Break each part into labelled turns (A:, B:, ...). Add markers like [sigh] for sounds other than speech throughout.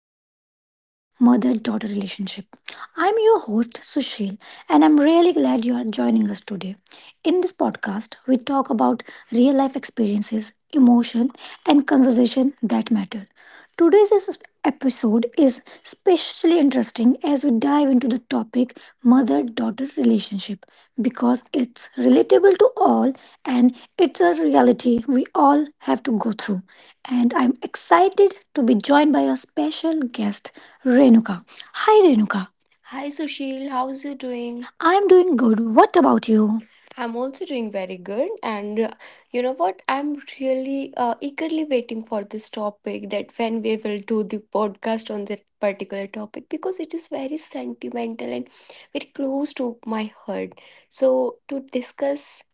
A: our podcast, Mother Daughter Relationship. I'm your host, Sushil, and I'm really glad you are joining us today. In this podcast, we talk about real life experiences, emotion, and conversation that matter. Today's is- Episode is especially interesting as we dive into the topic mother daughter relationship because it's relatable to all and it's a reality we all have to go through and I'm excited to be joined by our special guest, Renuka. Hi, Renuka. Hi Sushil, how's you doing? I'm doing good. What about you? I'm also doing very good, and you know what? I'm really eagerly waiting for this topic that when we will do the podcast on that particular topic because it is very sentimental and very close to my heart. So, to discuss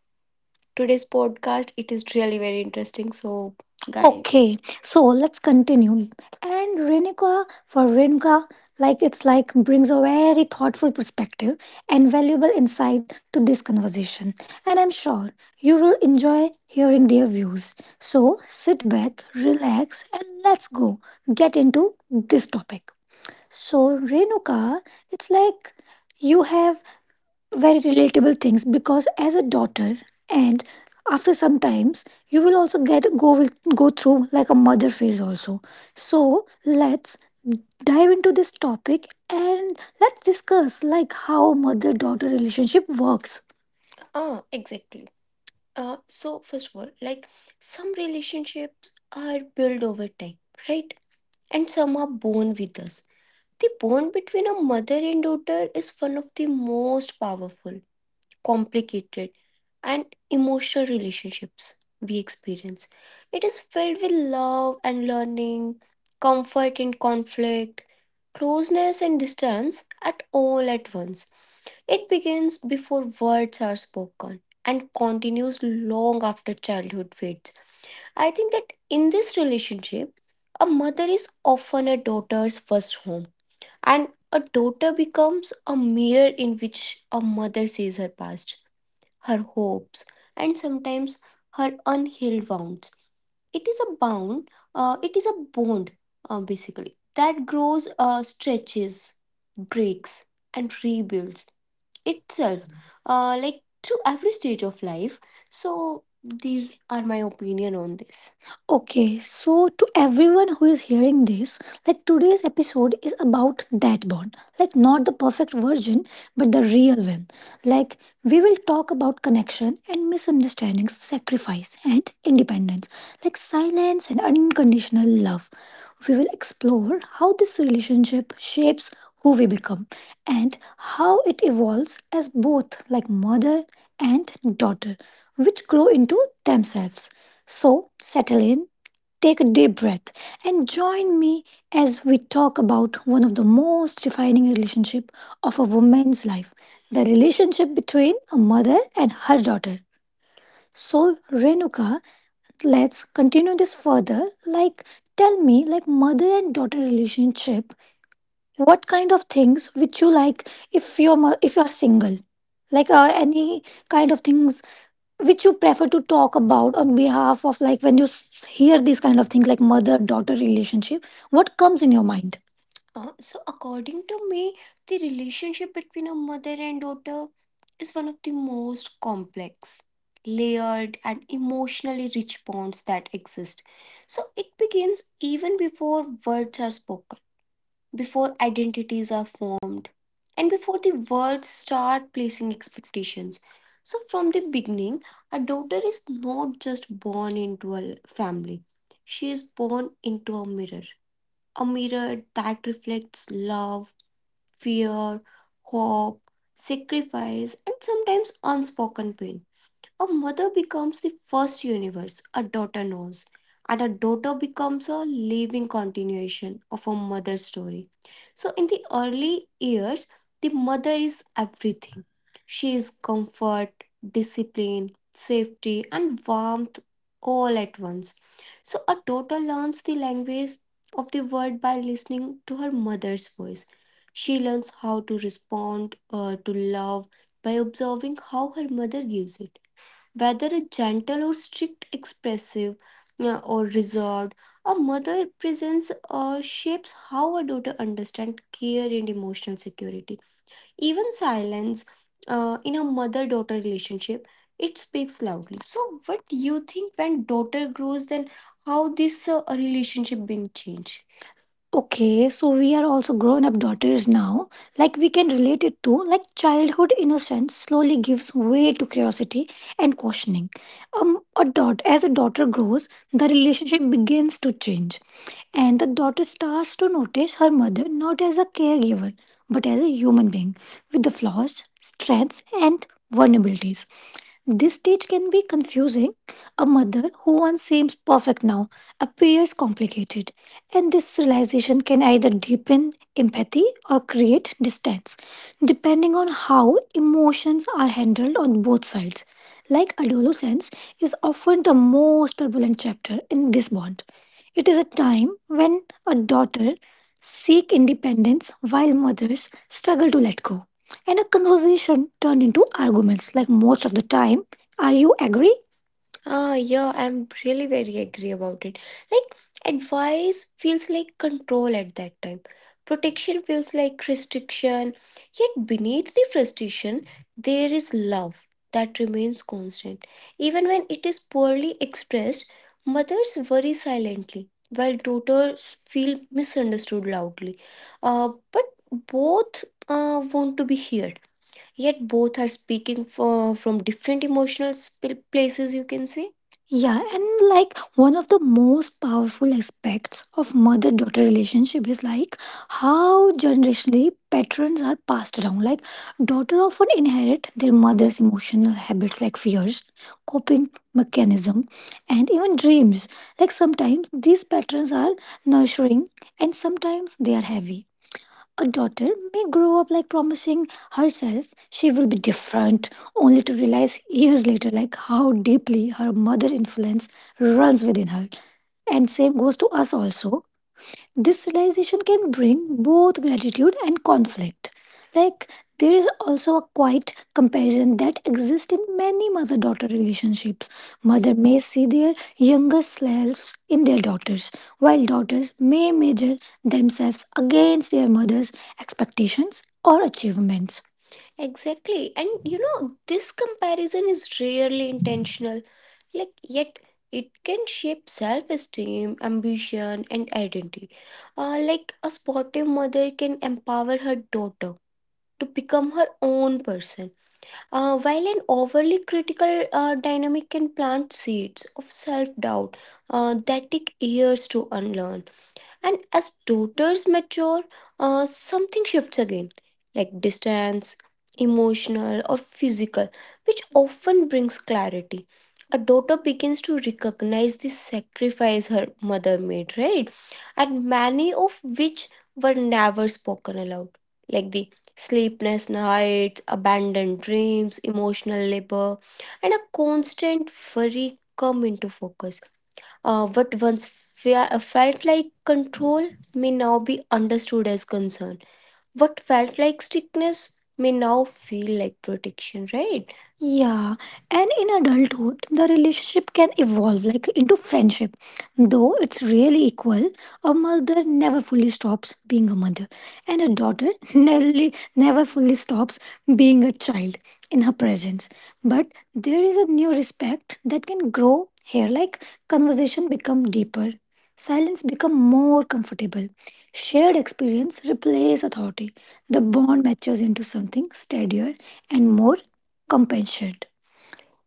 A: today's podcast. It is really very interesting. So, guys, okay, so let's continue. And Renuka, for Renuka, like it's like brings a very thoughtful perspective and valuable insight to this conversation. And I'm sure you will enjoy hearing their views. So sit back, relax, and let's go get into this topic. So, Renuka, it's like you have very relatable things because as a daughter and after some times you will also get go with go through like a mother phase also, so let's dive into this topic and let's discuss like how mother daughter relationship works. Ah, exactly. So first of all, like some relationships are built over time, right? And some are born with us. The bond between a mother and daughter is one of the most powerful complicated, and emotional relationships we experience. It is filled with love and learning, comfort and conflict, closeness and distance at all at once. It begins before words are spoken and continues long after childhood fades. I think that in this relationship, a mother is often a daughter's first home, and a daughter becomes a mirror in which a mother sees her past, her hopes, and sometimes her unhealed wounds. It is a bond, basically, that grows, stretches, breaks, and rebuilds itself like to every stage of life, so these are my opinion on this. Okay, so to everyone who is hearing this, like today's episode is about that bond. Like not the perfect version, but the real one. Like we will talk about connection and misunderstandings, sacrifice and independence, like silence and unconditional love. We will explore how this relationship shapes who we become and how it evolves as both like mother and daughter, which grow into themselves. So, settle in, take a deep breath, and join me as we talk about one of the most defining relationship of a woman's life, the relationship between a mother and her daughter. So, Renuka, let's continue this further. Like, tell me, like, mother and daughter relationship, what kind of things would you like if you're if you're single, like any kind of things which you prefer to talk about on behalf of like when you hear these kind of things like mother daughter relationship, what comes in your mind? According to me, the relationship between a mother and daughter is one of the most complex, layered, and emotionally rich bonds that exist. So, it begins even before words are spoken, before identities are formed, and before the words start placing expectations. So, from the beginning, a daughter is not just born into a family, she is born into a mirror. A mirror that reflects love, fear, hope, sacrifice, and sometimes unspoken pain. A mother becomes the first universe a daughter knows, and a daughter becomes a living continuation of a mother's story. So, in the early years, the mother is everything. She is comfort, discipline, safety, and warmth all at once. So, a daughter learns the language of the world by listening to her mother's voice. She learns how to respond to love by observing how her mother gives it. Whether a gentle or strict, expressive or reserved, a mother presence shapes how a daughter understands care and emotional security. Even silence in a mother-daughter relationship, it speaks loudly. So, what do you think when daughter grows, then how this relationship been changed? Okay, so we are also grown up daughters now. Like we can relate it to, like childhood innocence slowly gives way to curiosity and questioning. As a daughter grows, the relationship begins to change, and the daughter starts to notice her mother not as a caregiver but as a human being with the flaws, strengths, and vulnerabilities. This stage can be confusing. A mother who once seems perfect now appears complicated, and this realization can either deepen empathy or create distance, depending on how emotions are handled on both sides. Like adolescence is often the most turbulent chapter in this bond. It is a time when a daughter seek independence while mothers struggle to let go. And a conversation turned into arguments like most of the time. Are you agree? Ah, yeah, I'm really very agree about it. Like, advice feels like control at that time. Protection feels like restriction. Yet, beneath the frustration, there is love that remains constant. Even when it is poorly expressed, mothers worry silently, while daughters feel misunderstood loudly. But both want to be heard, yet both are speaking from different emotional places, you can say. Yeah, and like one of the most powerful aspects of mother daughter relationship is like how generationally patterns are passed around. Like daughter often inherit their mother's emotional habits like fears, coping mechanism, and even dreams. Like sometimes these patterns are nurturing and sometimes they are heavy. A daughter may grow up like promising herself she will be different, only to realize years later like how deeply her mother influence runs within her. And same goes to us also. This realization can bring both gratitude and conflict. Like, there is also a quiet comparison that exists in many mother daughter relationships. Mother may see their younger selves in their daughters, while daughters may measure themselves against their mother's expectations or achievements. Exactly. And you know, this comparison is rarely intentional, like, yet it can shape self esteem, ambition, and identity. A sportive mother can empower her daughter to become her own person, while an overly critical dynamic can plant seeds of self doubt that take years to unlearn. And as daughters mature, something shifts again, like distance, emotional, or physical, which often brings clarity. A daughter begins to recognize the sacrifice her mother made, right? And many of which were never spoken aloud, like the sleepless nights, abandoned dreams, emotional labor, and a constant worry come into focus. What once felt like control may now be understood as concern. What felt like strictness may now feel like protection, right? Yeah, and in adulthood, the relationship can evolve like into friendship. Though it's really equal, a mother never fully stops being a mother, and a daughter [laughs] nearly never fully stops being a child in her presence. But there is a new respect that can grow here, like conversation become deeper, silence become more comfortable. Shared experience replace authority. The bond matures into something steadier and more compassionate.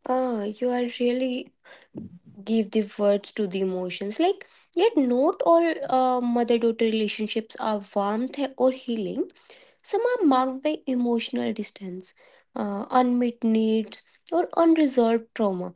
A: Ah, you are really give the words to the emotions. Like, yet not all mother-daughter relationships are warmth or healing. Some are marked by emotional distance, unmet needs, or unresolved trauma.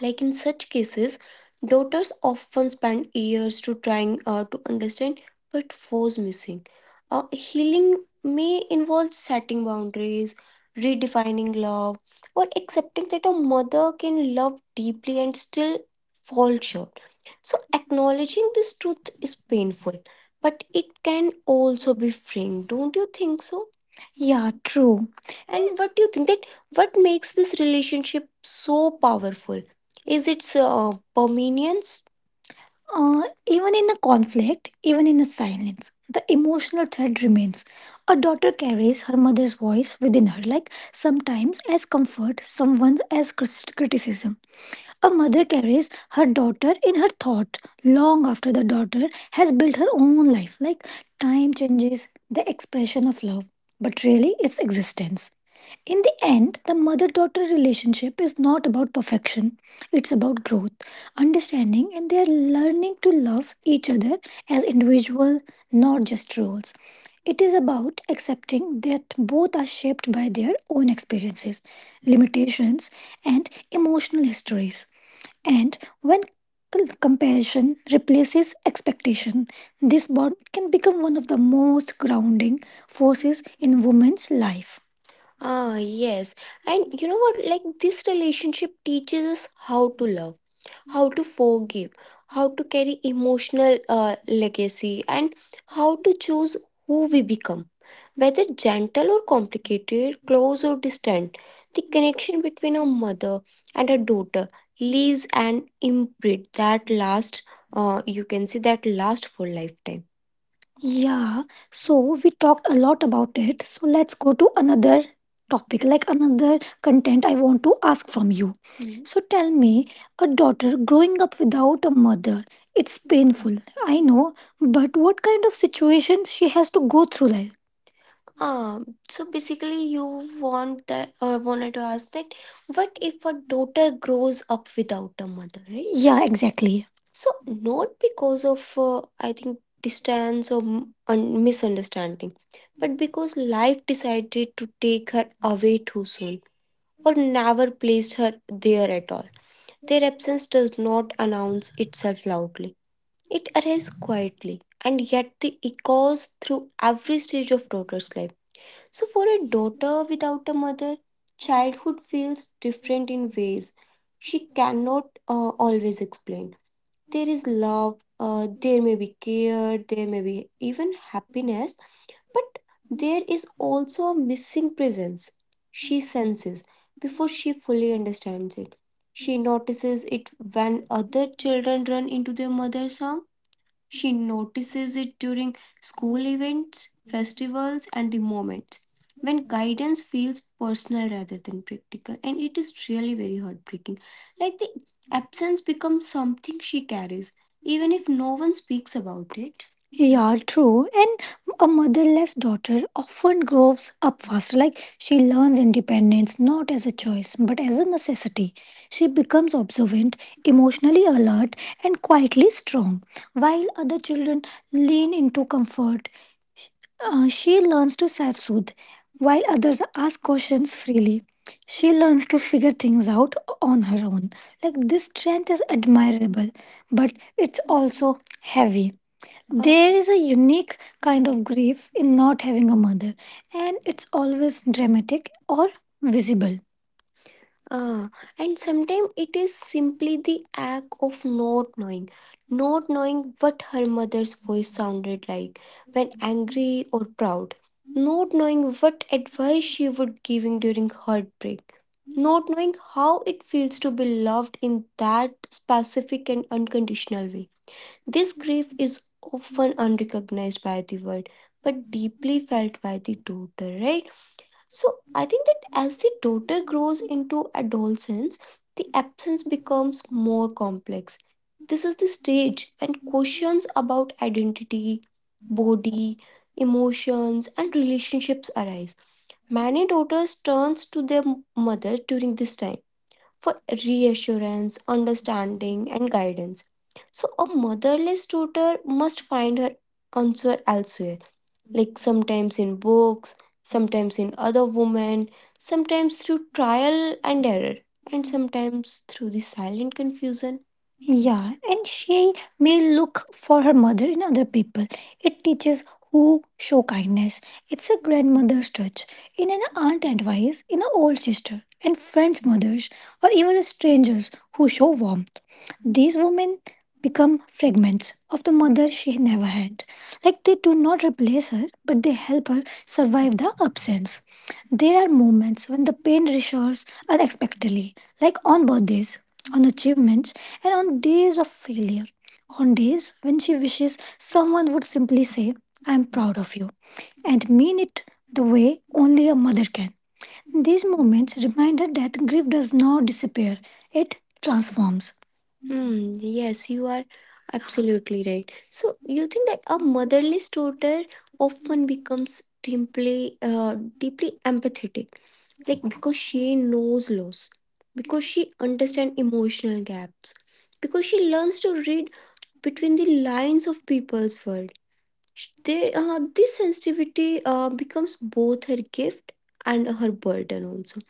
A: Like in such cases, daughters often spend years to trying to understand what was missing. Healing may involve setting boundaries, redefining love, or accepting that a mother can love deeply and still fall short. So, acknowledging this truth is painful, but it can also be freeing. Don't you think so? Yeah, true. And what do you think that what makes this relationship so powerful? Is its permanence? Uh, Even in a conflict, even in a silence, the emotional thread remains. A daughter carries her mother's voice within her, like sometimes as comfort, someone as criticism. A mother carries her daughter in her thought long after the daughter has built her own life. Like time changes the expression of love, but really its existence. In the end, the mother daughter relationship is not about perfection, it's about growth, understanding, and they are learning to love each other as individuals, not just roles. It is about accepting that both are shaped by their own experiences, limitations, and emotional histories. And when compassion replaces expectation, this bond can become one of the most grounding forces in women's life. Ah, yes. And you know what? Like, this relationship teaches us how to love, how to forgive, how to carry emotional legacy, and how to choose who we become. Whether gentle or complicated, close or distant, the connection between a mother and a daughter leaves an imprint that lasts, you can see, that lasts for lifetime. Yeah, so we talked a lot about it. So let's go to another topic, like another content I want to ask from you. Mhm. So tell me, a daughter growing up without a mother, it's painful. I know, but what kind of situations she has to go through like, so basically you want that or wanted to ask that what if a daughter grows up without a mother, right? Yeah, exactly. So not because of I think distance or misunderstanding, but because life decided to take her away too soon or never placed her there at all. Their absence does not announce itself loudly. It arrives quietly and yet the echoes through every stage of daughter's life. So for a daughter without a mother, childhood feels different in ways she cannot always explain. There is love, there may be care, there may be even happiness, but there is also a missing presence she senses before she fully understands it. She notices it when other children run into their mother's arm. She notices it during school events, festivals, and the moments when guidance feels personal rather than practical. And it is really very heartbreaking. Like the absence becomes something she carries, even if no one speaks about it. Yeah, true. And a motherless daughter often grows up faster. Like she learns independence not as a choice but as a necessity. She becomes observant, emotionally alert, and quietly strong. While other children lean into comfort, she learns to self soothe. While others ask questions freely, she learns to figure things out on her own. Like this strength is admirable, but it's also heavy. There is a unique kind of grief in not having a mother, and it's always dramatic or visible. Ah, and sometimes it is simply the act of not knowing, not knowing what her mother's voice sounded like when angry or proud, not knowing what advice she would giving during heartbreak, not knowing how it feels to be loved in that specific and unconditional way. This grief is often unrecognized by the world, but deeply felt by the daughter, right? So I think that as the daughter grows into adolescence, the absence becomes more complex. This is the stage when questions about identity, body, emotions, and relationships arise. Many daughters turns to their mother during this time for reassurance, understanding, and guidance. So a motherless daughter must find her answer elsewhere, like sometimes in books, sometimes in other women, sometimes through trial and error, and sometimes through the silent confusion. Yeah, and she may look for her mother in other people. It teaches who show kindness. It's a grandmother's touch, in an aunt advice, in an old sister, and friends' mothers, or even strangers who show warmth. These women become fragments of the mother she never had. Like they do not replace her, but they help her survive the absence. There are moments when the pain reassures unexpectedly, like on birthdays, on achievements, and on days of failure. On days when she wishes someone would simply say, I am proud of you, and mean it the way only a mother can. These moments remind her that grief does not disappear, it transforms. Hmm, yes, you are absolutely right. So you think that a motherless daughter often becomes deeply, deeply empathetic, like because she knows loss, because she understands emotional gaps, because she learns to read between the lines of people's world. They, this sensitivity becomes both her gift and her burden also.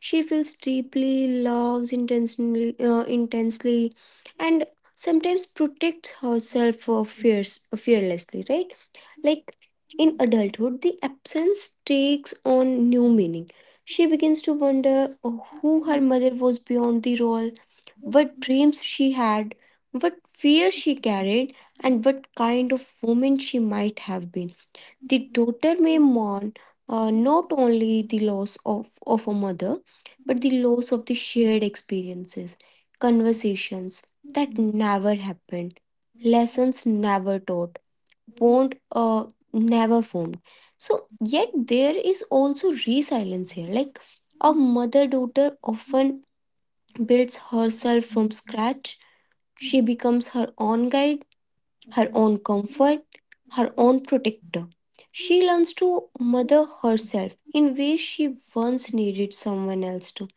A: She feels deeply, loves intensely, intensely, and sometimes protects herself for fears, fearlessly, right? Like in adulthood, the absence takes on new meaning. She begins to wonder who her mother was beyond the role, what dreams she had, what fears she carried, and what kind of woman she might have been. The daughter may mourn not only the loss of a mother, but the loss of the shared experiences, conversations that never happened, lessons never taught, bond never formed. So, yet there is also resilience here. Like a mother daughter often builds herself from scratch. She becomes her own guide, her own comfort, her own protector. She learns to mother herself in ways she once needed someone else to.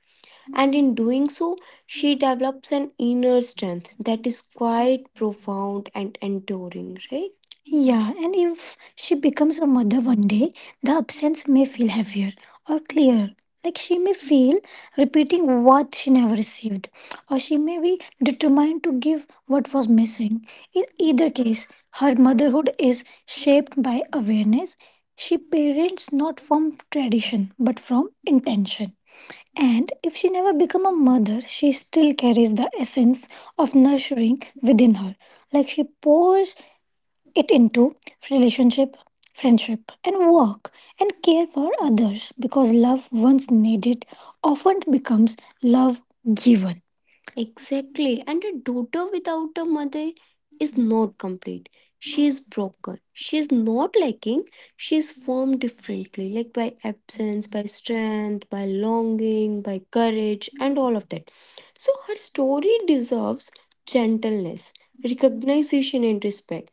A: And in doing so, she develops an inner strength that is quite profound and enduring, right? Yeah, and if she becomes a mother one day, the absence may feel heavier or clearer. Like she may feel repeating what she never received, or she may be determined to give what was missing. In either case, her motherhood is shaped by awareness. She parents not from tradition but from intention. And if she never become a mother, she still carries the essence of nurturing within her. Like she pours it into relationship, friendship, and work and care for others because love once needed often becomes love given. Exactly. And a daughter without a mother is not complete. She is broken. She is not lacking. She is formed differently, like by absence, by strength, by longing, by courage, and all of that. So her story deserves gentleness, recognition, and respect.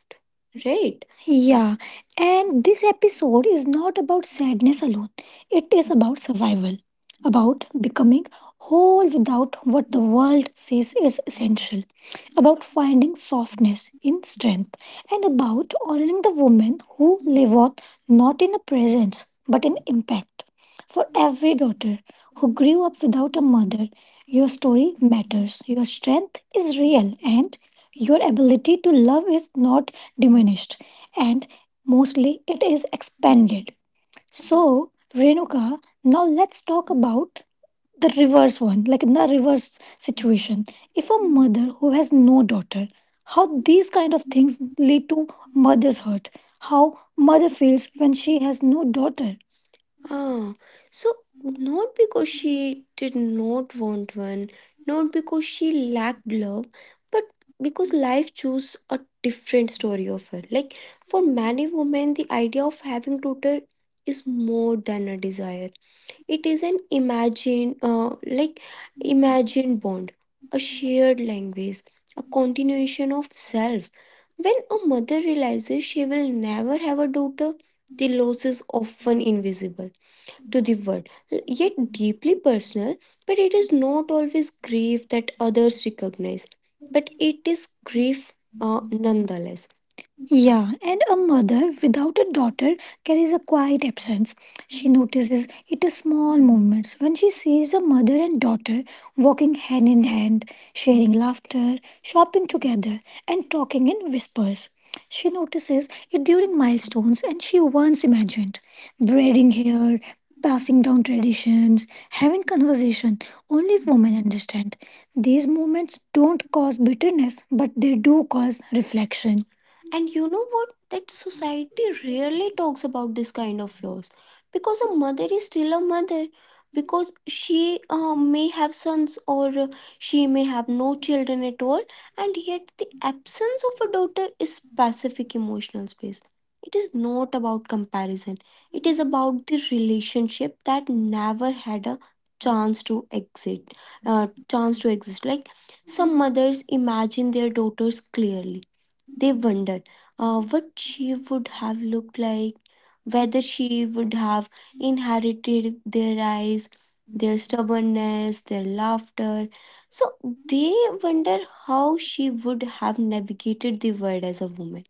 A: Right? Yeah, and this episode is not about sadness alone. It is about survival, about becoming whole without what the world says is essential, about finding softness in strength, and about honoring the women who live on not in a presence but in impact. For every daughter who grew up without a mother, your story matters, your strength is real, and your ability to love is not diminished, and mostly it is expanded. So, Renuka, now let's talk about the reverse one, like in the reverse situation. If a mother who has no daughter, how these kind of things lead to mother's hurt, how mother feels when she has no daughter. Ah, so not because she did not want one, not because she lacked love, but because life chose a different story of her. Like for many women, the idea of having daughter is more than a desire. It is an imagine, like imagined bond, a shared language, a continuation of self. When a mother realizes she will never have a daughter, the loss is often invisible to the world, yet deeply personal. But it is not always grief that others recognize, but it is grief nonetheless. Yeah, and a mother without a daughter carries a quiet absence. She notices it in small moments when she sees a mother and daughter walking hand in hand, sharing laughter, shopping together, and talking in whispers. She notices it during milestones and she once imagined braiding hair, passing down traditions, having conversation only women understand. These moments don't cause bitterness, but they do cause reflection. And you know what? That society rarely talks about this kind of loss because a mother is still a mother, because she may have sons or she may have no children at all, and yet the absence of a daughter is specific emotional space. It is not about comparison, it is about the relationship that never had a chance to exist. Like some mothers imagine their daughters clearly. They wonder what she would have looked like, whether she would have inherited their eyes, their stubbornness, their laughter. So they wonder how she would have navigated the world as a woman.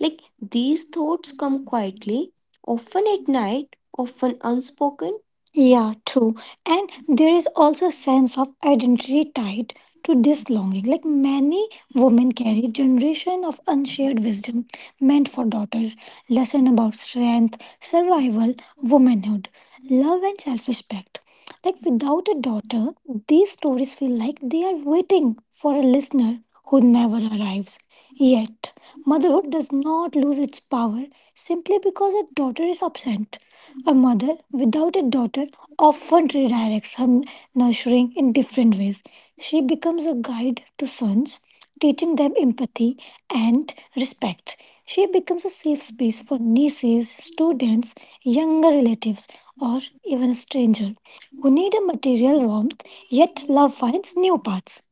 A: Like these thoughts come quietly, often at night, often unspoken. Yeah, true. And there is also a sense of identity tied to this longing. Like many women carry generation of unshared wisdom meant for daughters, lesson about strength, survival, womanhood, love and self-respect. Like without a daughter, these stories feel like they are waiting for a listener who never arrives. Yet, motherhood does not lose its power simply because a daughter is absent. A mother without a daughter often redirects her nurturing in different ways. She becomes a guide to sons, teaching them empathy and respect. She becomes a safe space for nieces, students, younger relatives, or even a stranger who need a material warmth, yet love finds new paths.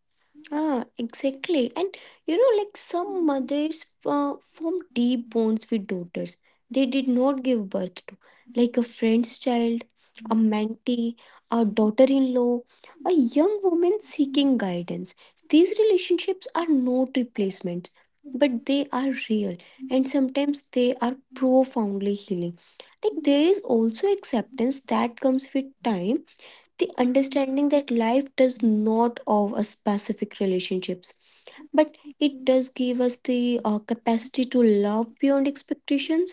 A: Ah, exactly. And you know, like some mothers form deep bonds with daughters they did not give birth to, like a friend's child, a mentee, a daughter in law, a young woman seeking guidance. These relationships are not replacements, but they are real and sometimes they are profoundly healing. Like, there is also acceptance that comes with time, the understanding that life does not owe us specific relationships but it does give us the capacity to love beyond expectations.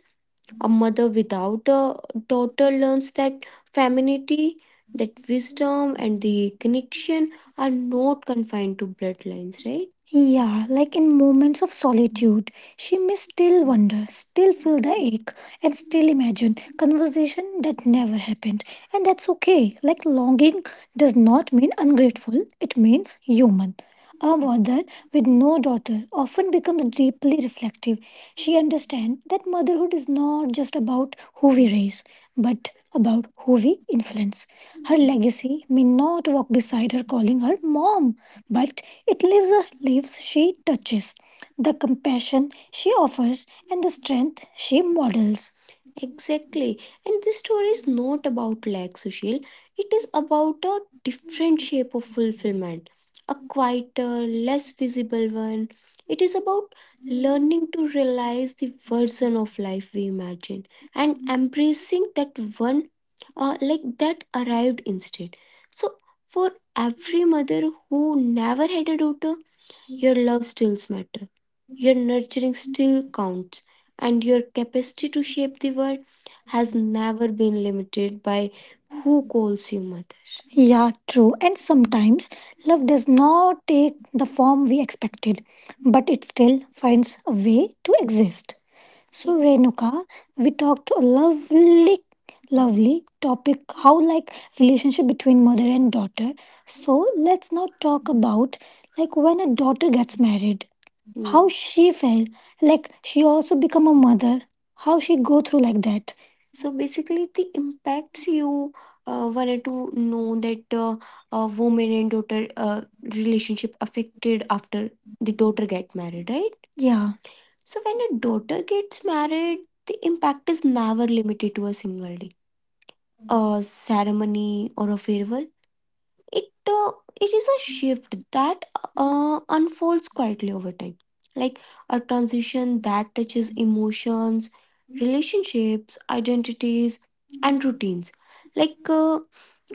A: A mother without a daughter learns that femininity, that wisdom, and the connection are not confined to bloodlines, right? Yeah, like in moments of solitude, she may still wonder, still feel the ache, and still imagine conversation that never happened. And that's okay. Like longing does not mean ungrateful, it means human. A mother with no daughter often becomes deeply reflective. She understands that motherhood is not just about who we raise, but about who we influence. Her legacy may not walk beside her calling her mom, but it lives her lives she touches, the compassion she offers, and the strength she models. Exactly. And this story is not about lack, Sushil. It is about a different shape of fulfillment, a quieter, less visible one. It is about learning to realize the version of life we imagine and embracing that one like that arrived instead. So for every mother who never had a daughter, your love still matters, your nurturing still counts, and your capacity to shape the world has never been limited by who calls you mother. Yeah, true. And sometimes love does not take the form we expected, but it still finds a way to exist. So Renuka, we talked a lovely, lovely topic, how like relationship between mother and daughter. So let's now talk about like when a daughter gets married, how she felt, like she also become a mother, how she go through like that. So basically, the impacts you wanted to know that a woman and daughter relationship affected after the daughter get married, right? Yeah. So when a daughter gets married, the impact is never limited to a single day, a ceremony, or a farewell. It uh, it is a shift that unfolds quietly over time, like a transition that touches emotions, relationships, identities, and routines. Like uh,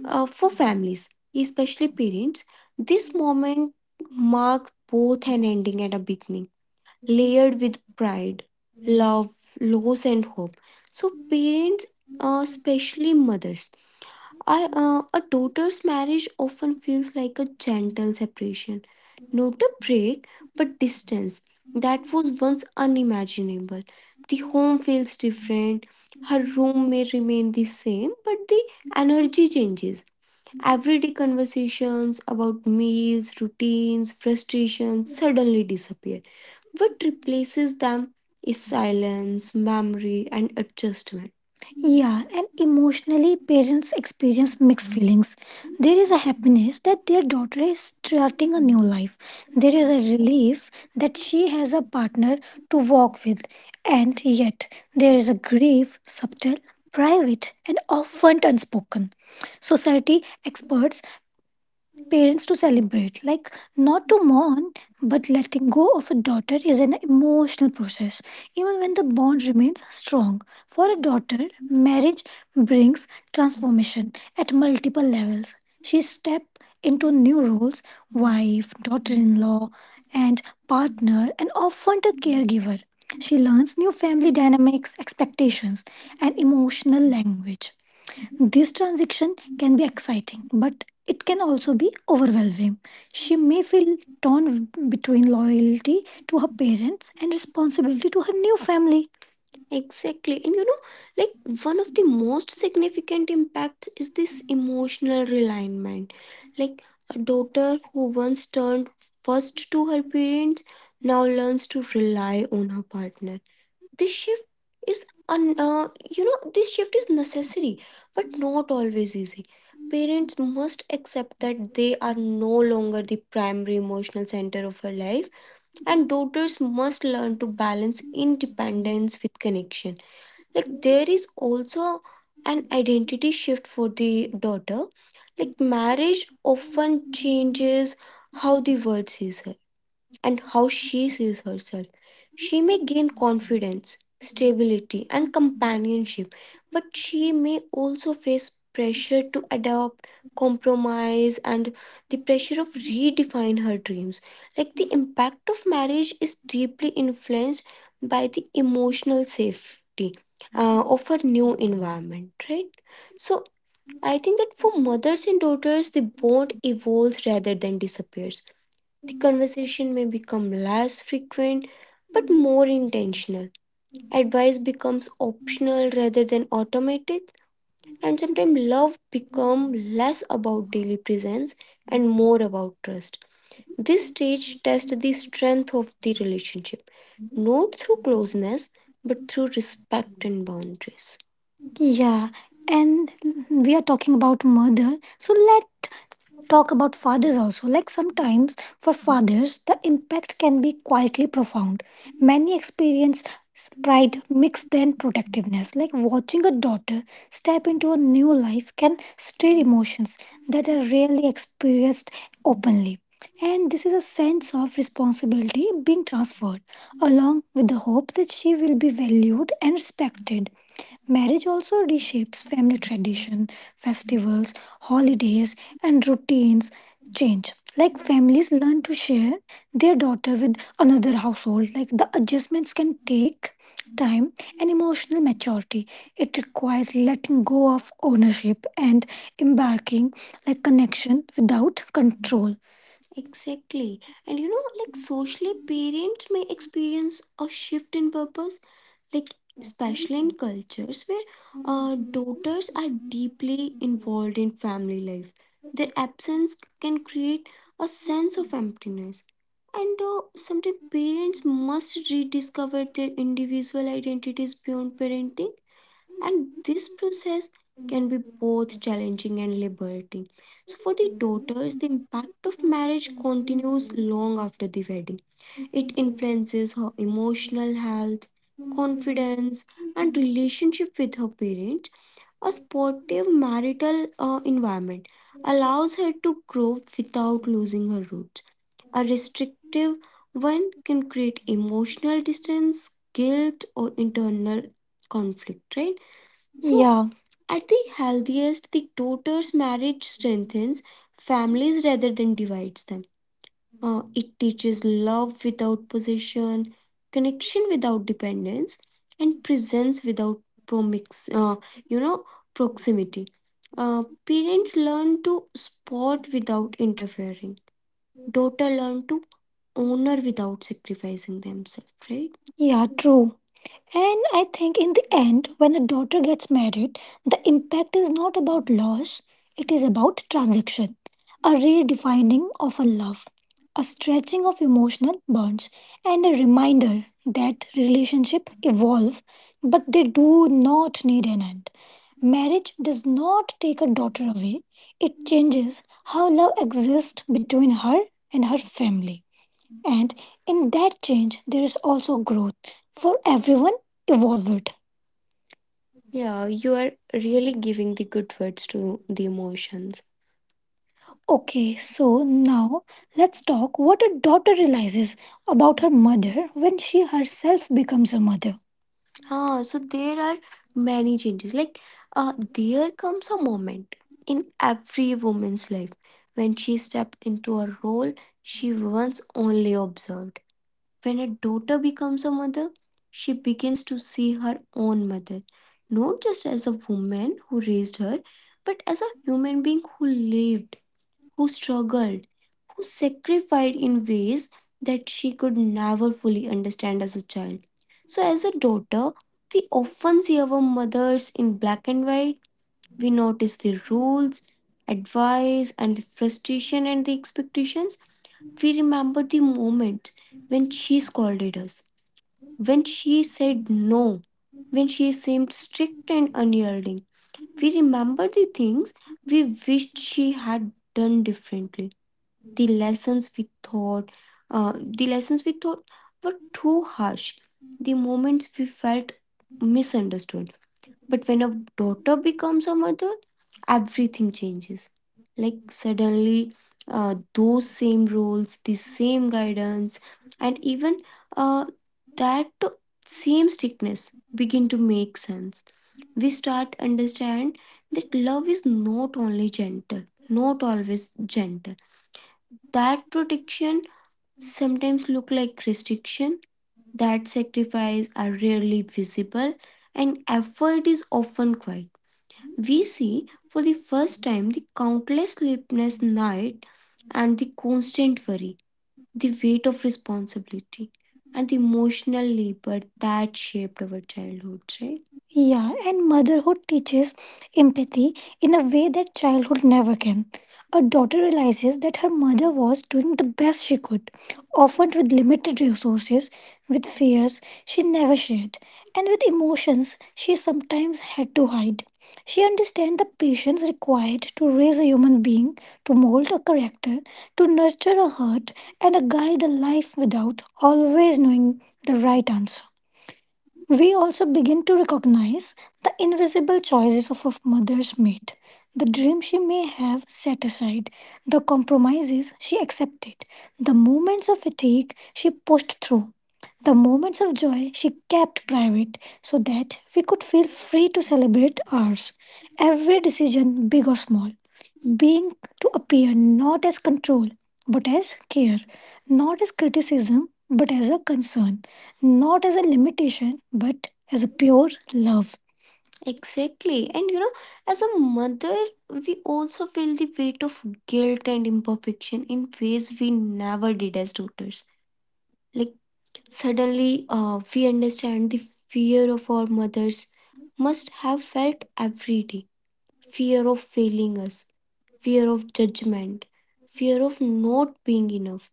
A: uh, for families, especially parents, this moment marks both an ending and a beginning, layered with pride, love, loss, and hope. So, parents, especially mothers, are, a daughter's marriage often feels like a gentle separation, not a break, but distance that was once unimaginable. The home feels different. Her room may remain the same, but the energy changes. Everyday conversations about meals, routines, frustrations suddenly disappear. What replaces them is silence, memory, and adjustment. Yeah, and emotionally, parents experience mixed feelings. There is a happiness that their daughter is starting a new life. There is a relief that she has a partner to walk with. And yet, there is a grief, subtle, private, and often unspoken. Society experts parents to celebrate, like not to mourn, but letting go of a daughter is an emotional process even when the bond remains strong. For a daughter, marriage brings transformation at multiple levels. She step into new roles: wife, daughter-in-law, and partner, and often a caregiver. She learns new family dynamics, expectations, and emotional language. This transition can be exciting, but it can also be overwhelming. She may feel torn between loyalty to her parents and responsibility to her new family. Exactly. And you know, like one of the most significant impacts is this emotional realignment. Like a daughter who once turned first to her parents now learns to rely on her partner. This shift is un, you know this shift is necessary but not always easy. Parents must accept that they are no longer the primary emotional center of her life, and daughters must learn to balance independence with connection. Like there is also an identity shift for the daughter. Like marriage often changes how the world sees her and how she sees herself. She may gain
B: Thank you.
A: confidence, stability, and companionship, but she may also face pressure to adapt, compromise, and the pressure of redefine her dreams. Like the impact of marriage is deeply influenced by the emotional safety of her new environment, right? So I think that for mothers and daughters, the bond evolves rather than disappears. The conversation may become less frequent but more intentional. Advice becomes optional rather than automatic, and sometimes love becomes less about daily presence and more about trust. This stage tests the strength of the relationship, not through closeness but through respect and boundaries. Yeah, and we are talking about mother, so let talk about fathers also. Like sometimes for fathers, the impact can be quietly profound. Many experience pride mixed then protectiveness. Like watching a daughter step into a new life can stir emotions that are rarely experienced openly. And this is a sense of responsibility being transferred, along with the hope that she will be valued and respected. Marriage also reshapes family tradition, festivals, holidays, and routines change. Like families learn to share their daughter with another household, like the adjustments can take time and emotional maturity. It requires letting go of ownership and embarking like connection without control. Exactly. And you know, like socially, parents may experience a shift in purpose, like especially in cultures where daughters are deeply involved in family life. Their absence can create a sense of emptiness. And sometimes parents must rediscover their individual identities beyond parenting, and this process can be both challenging and liberating. So, for the daughters, the impact of marriage continues long after the wedding. It influences her emotional health, confidence, and relationship with her parents. A supportive marital environment allows her to grow without losing her roots. A restrictive one can create emotional distance, guilt, or internal conflict, right? So yeah, at the healthiest, the daughter's marriage strengthens families rather than divides them. It teaches love without possession, connection without dependence, and presence without promix, uh, you know, proximity. Parents learn to support without interfering. Daughter learn to honor without sacrificing themselves, right? Yeah, true. And I think in the end, when a daughter gets married, the impact is not about loss, it is about transaction, a redefining of a love, a stretching of emotional bonds, and a reminder that relationship evolve, but they do not need an end. Marriage does not take a daughter away, it changes how love exists between her and her family. And in that change, there is also growth for everyone involved. Yeah, you are really giving the good words to the emotions. Okay, so now let's talk what a daughter realizes about her mother when she herself becomes a mother. Ah, so there are many changes. Like, there comes a moment in every woman's life when she steps into a role she once only observed. When a daughter becomes a mother, she begins to see her own mother, not just as a woman who raised her, but as a human being who lived, who struggled, who sacrificed in ways that she could never fully understand as a child. So, as a daughter, we often see our mothers in black and white. We notice their rules, advice, and the frustration and the expectations. We remember the moment when she scolded us, when she said no, when she seemed strict and unyielding, we remember the things we wished she had done differently. The lessons we thought, the lessons we thought were too harsh. The moments we felt misunderstood. But when a daughter becomes a mother, everything changes. Like suddenly, those same roles, the same guidance, and even uh, that same strictness begin to make sense. We start understand that love is not only gentle, not always gentle. That protection sometimes look like restriction. That sacrifice are rarely visible, and effort is often quiet. We see for the first time the countless sleepless nights and the constant worry, the weight of responsibility and the emotional labor that shaped our childhoods, right? Yeah, and motherhood teaches empathy in a way that childhood never can. A daughter realizes that her mother was doing the best she could, often with limited resources, with fears she never shared, and with emotions she sometimes had to hide. She understands the patience required to raise a human being, to mold a character, to nurture a heart, and a guide a life without always knowing the right answer. We also begin to recognize the invisible choices of a mother's mate, the dreams she may have set aside, the compromises she accepted, the moments of fatigue she pushed through, the moments of joy she kept private so that we could feel free to celebrate ours. Every decision, big or small, being to appear not as control but as care, not as criticism but as a concern, not as a limitation but as a pure love. Exactly. And you know, as a mother, we also feel the weight of guilt and imperfection in ways we never did as daughters. Like, suddenly, we understand the fear of our mothers must have felt every day, fear of failing us, fear of judgment, fear of not being enough.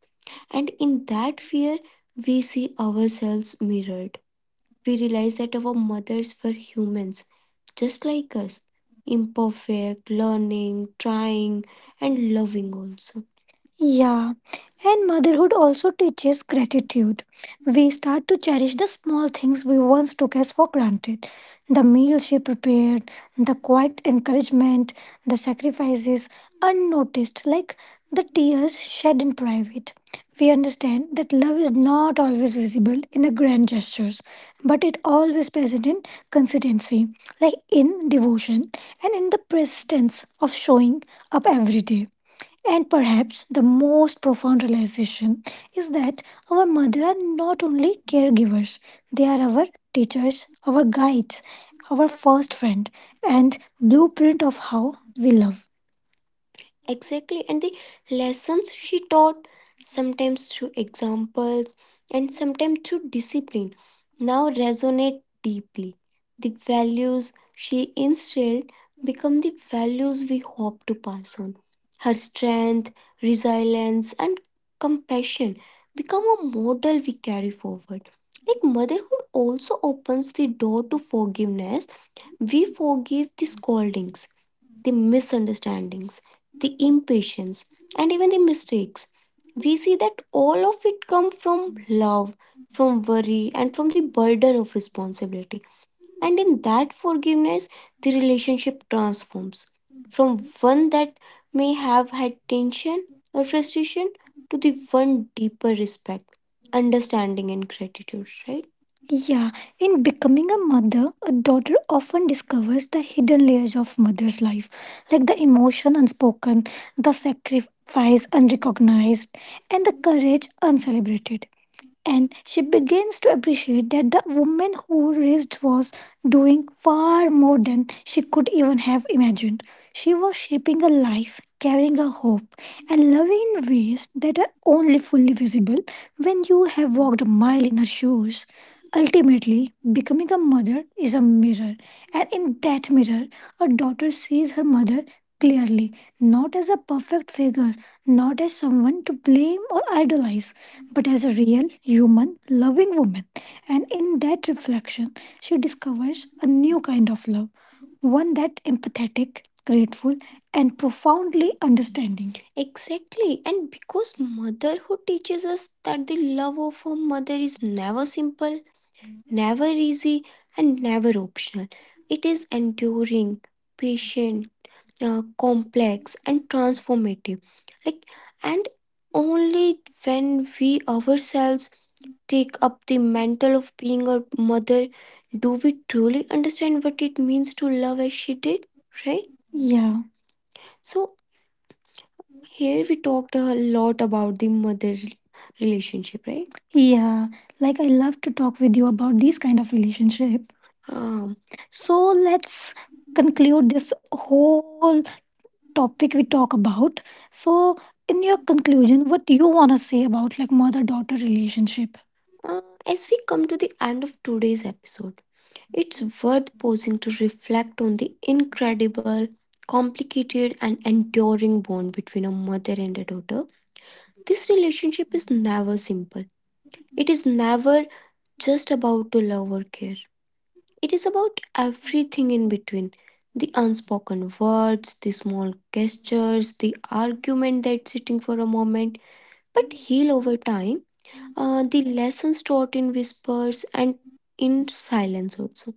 A: And in that fear, we see ourselves mirrored. We realize that our mothers were humans, just like us, imperfect, learning, trying, and loving also. Yeah, and motherhood also teaches gratitude. We start to cherish the small things we once took as for granted, the meals she prepared, the quiet encouragement, the sacrifices unnoticed, like the tears shed in private. We understand that love is not always visible in the grand gestures, but it always present in consistency, like in devotion and in the persistence of showing up every day. And perhaps the most profound realization is that our mothers are not only caregivers, they are our teachers, our guides, our first friend, and blueprint of how we love. Exactly, and the lessons she taught, sometimes through examples and sometimes through discipline, now resonate deeply. The values she instilled become the values we hope to pass on. Her strength, resilience, and compassion become a model we carry forward. Like motherhood also opens the door to forgiveness, we forgive the scoldings, the misunderstandings the impatience, and even the mistakes. We see that all of it come from love, from worry, and from the burden of responsibility. And in that forgiveness, the relationship transforms from one that may have had tension or frustration to the one deeper respect, understanding, and gratitude, right? Yeah, in becoming a mother, a daughter often discovers the hidden layers of mother's life, like the emotion unspoken, the sacrifice unrecognized, and the courage uncelebrated, and she begins to appreciate that the woman who raised was doing far more than she could even have imagined. She was shaping a life, carrying a hope, and loving in ways that are only fully visible when you have walked a mile in her shoes. Ultimately, becoming a mother is a mirror, and in that mirror, a daughter sees her mother clearly, not as a perfect figure, not as someone to blame or idolize, but as a real, human, loving woman. And in that reflection, she discovers a new kind of love, one that empathetic, grateful, and profoundly understanding. Exactly, and because motherhood teaches us that the love of a mother is never simple, never easy, and never optional. It is enduring, patient, complex, and transformative. Like, and only when we ourselves take up the mantle of being a mother, do we truly understand what it means to love as she did, right? Yeah. So, here we talked a lot about the mother relationship, right? Yeah. Like I love to talk with you about these kind of relationship. Um, So let's conclude this whole topic we talk about. So, in your conclusion, what you want to say about like mother daughter relationship? Uh, as we come to the end of today's episode, it's worth pausing to reflect on the incredible, complicated, and enduring bond between a mother and a daughter. This relationship is never simple, it is never just about to love or care. It is about everything in between the unspoken words, the small gestures, the argument that's sitting for a moment but heal over time, the lessons taught in whispers and in silence also.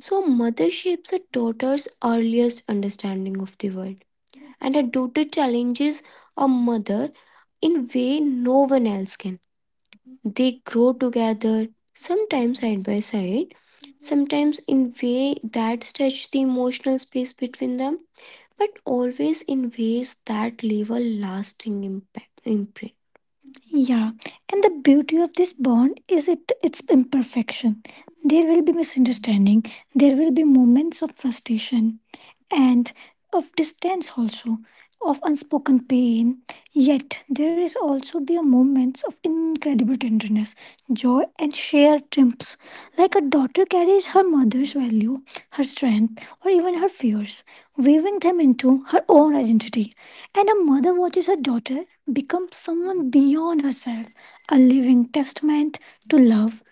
A: So, a mother shapes a daughter's earliest understanding of the world, and a daughter challenges a mother in way no one else can, they grow together, sometimes side by side, sometimes in ways that stretch the emotional space between them, but always in ways that leave a lasting impact imprint. Yeah, and the beauty of this bond is it its imperfection. There will be misunderstanding, there will be moments of frustration, and of distance also, of unspoken pain, yet there is also be a moments of incredible tenderness, joy, and shared triumphs, like a daughter carries her mother's value, her strength or even her fears, weaving them into her own identity, and a mother watches her daughter become someone beyond herself, a living testament to love,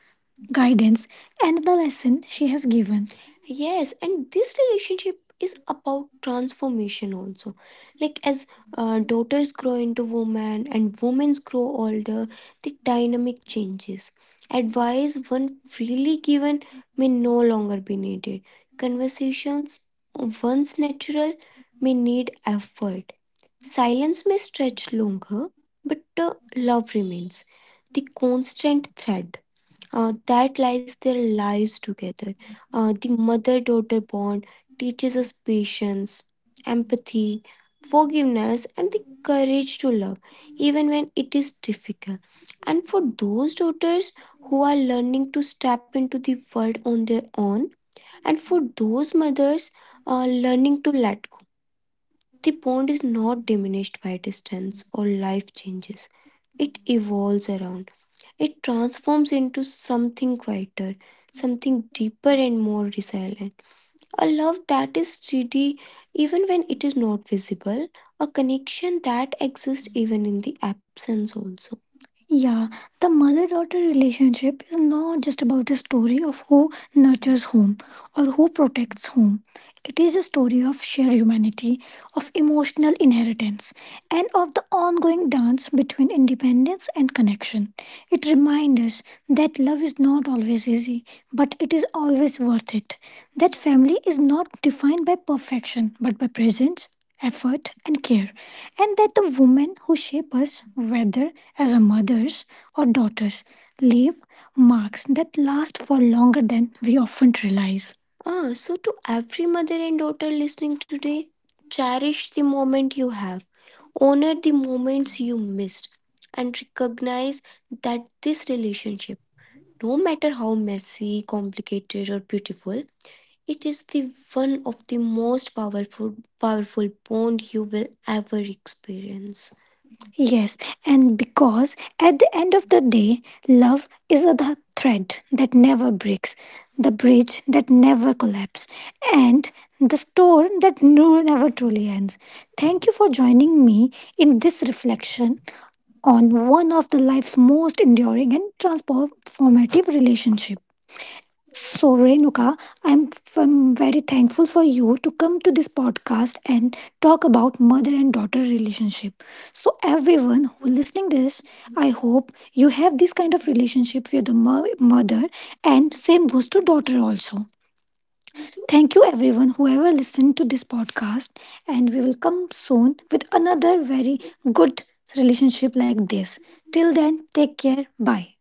A: guidance, and the lesson she has given. Yes, and this relationship is about transformation also. Like, as daughters grow into women and women grow older, the dynamic changes. Advice one freely given may no longer be needed. Conversations once natural may need effort. Silence may stretch longer, but love remains the constant thread that lies their lives together. The mother daughter bond teaches us patience, empathy, forgiveness, and the courage to love, even when it is difficult. And for those daughters who are learning to step into the world on their own, and for those mothers learning to let go, the bond is not diminished by distance or life changes. It evolves around, it transforms into something quieter, something deeper and more resilient. A love that is steady even when it is not visible, a connection that exists even in the absence also. Yeah, the mother daughter relationship is not just about a story of who nurtures home or who protects home. It is a story of shared humanity, of emotional inheritance, and of the ongoing dance between independence and connection. It reminds us that love is not always easy, but it is always worth it. That family is not defined by perfection, but by presence, effort, and care. And that the women who shape us, whether as a mothers or daughters, leave marks that last for longer than we often realize. So to every mother and daughter listening today, cherish the moment you have, honor the moments you missed, and recognize that this relationship, no matter how messy, complicated, or beautiful, it is the one of the most powerful powerful bond you will ever experience. Yes, and because at the end of the day, love is the thread that never breaks, the bridge that never collapses, and the store that no, never truly ends. Thank you for joining me in this reflection on one of the life's most enduring and transformative relationship. So, Renuka, I'm, I'm very thankful for you to come to this podcast and talk about mother and daughter relationship. So, everyone who listening this, I hope you have this kind of relationship with the mother, and same goes to daughter also. Thank
B: Thank
A: you,
B: you.
A: everyone, whoever listened to this podcast, and we will come soon with another very good relationship like this. Till then, take care. Bye.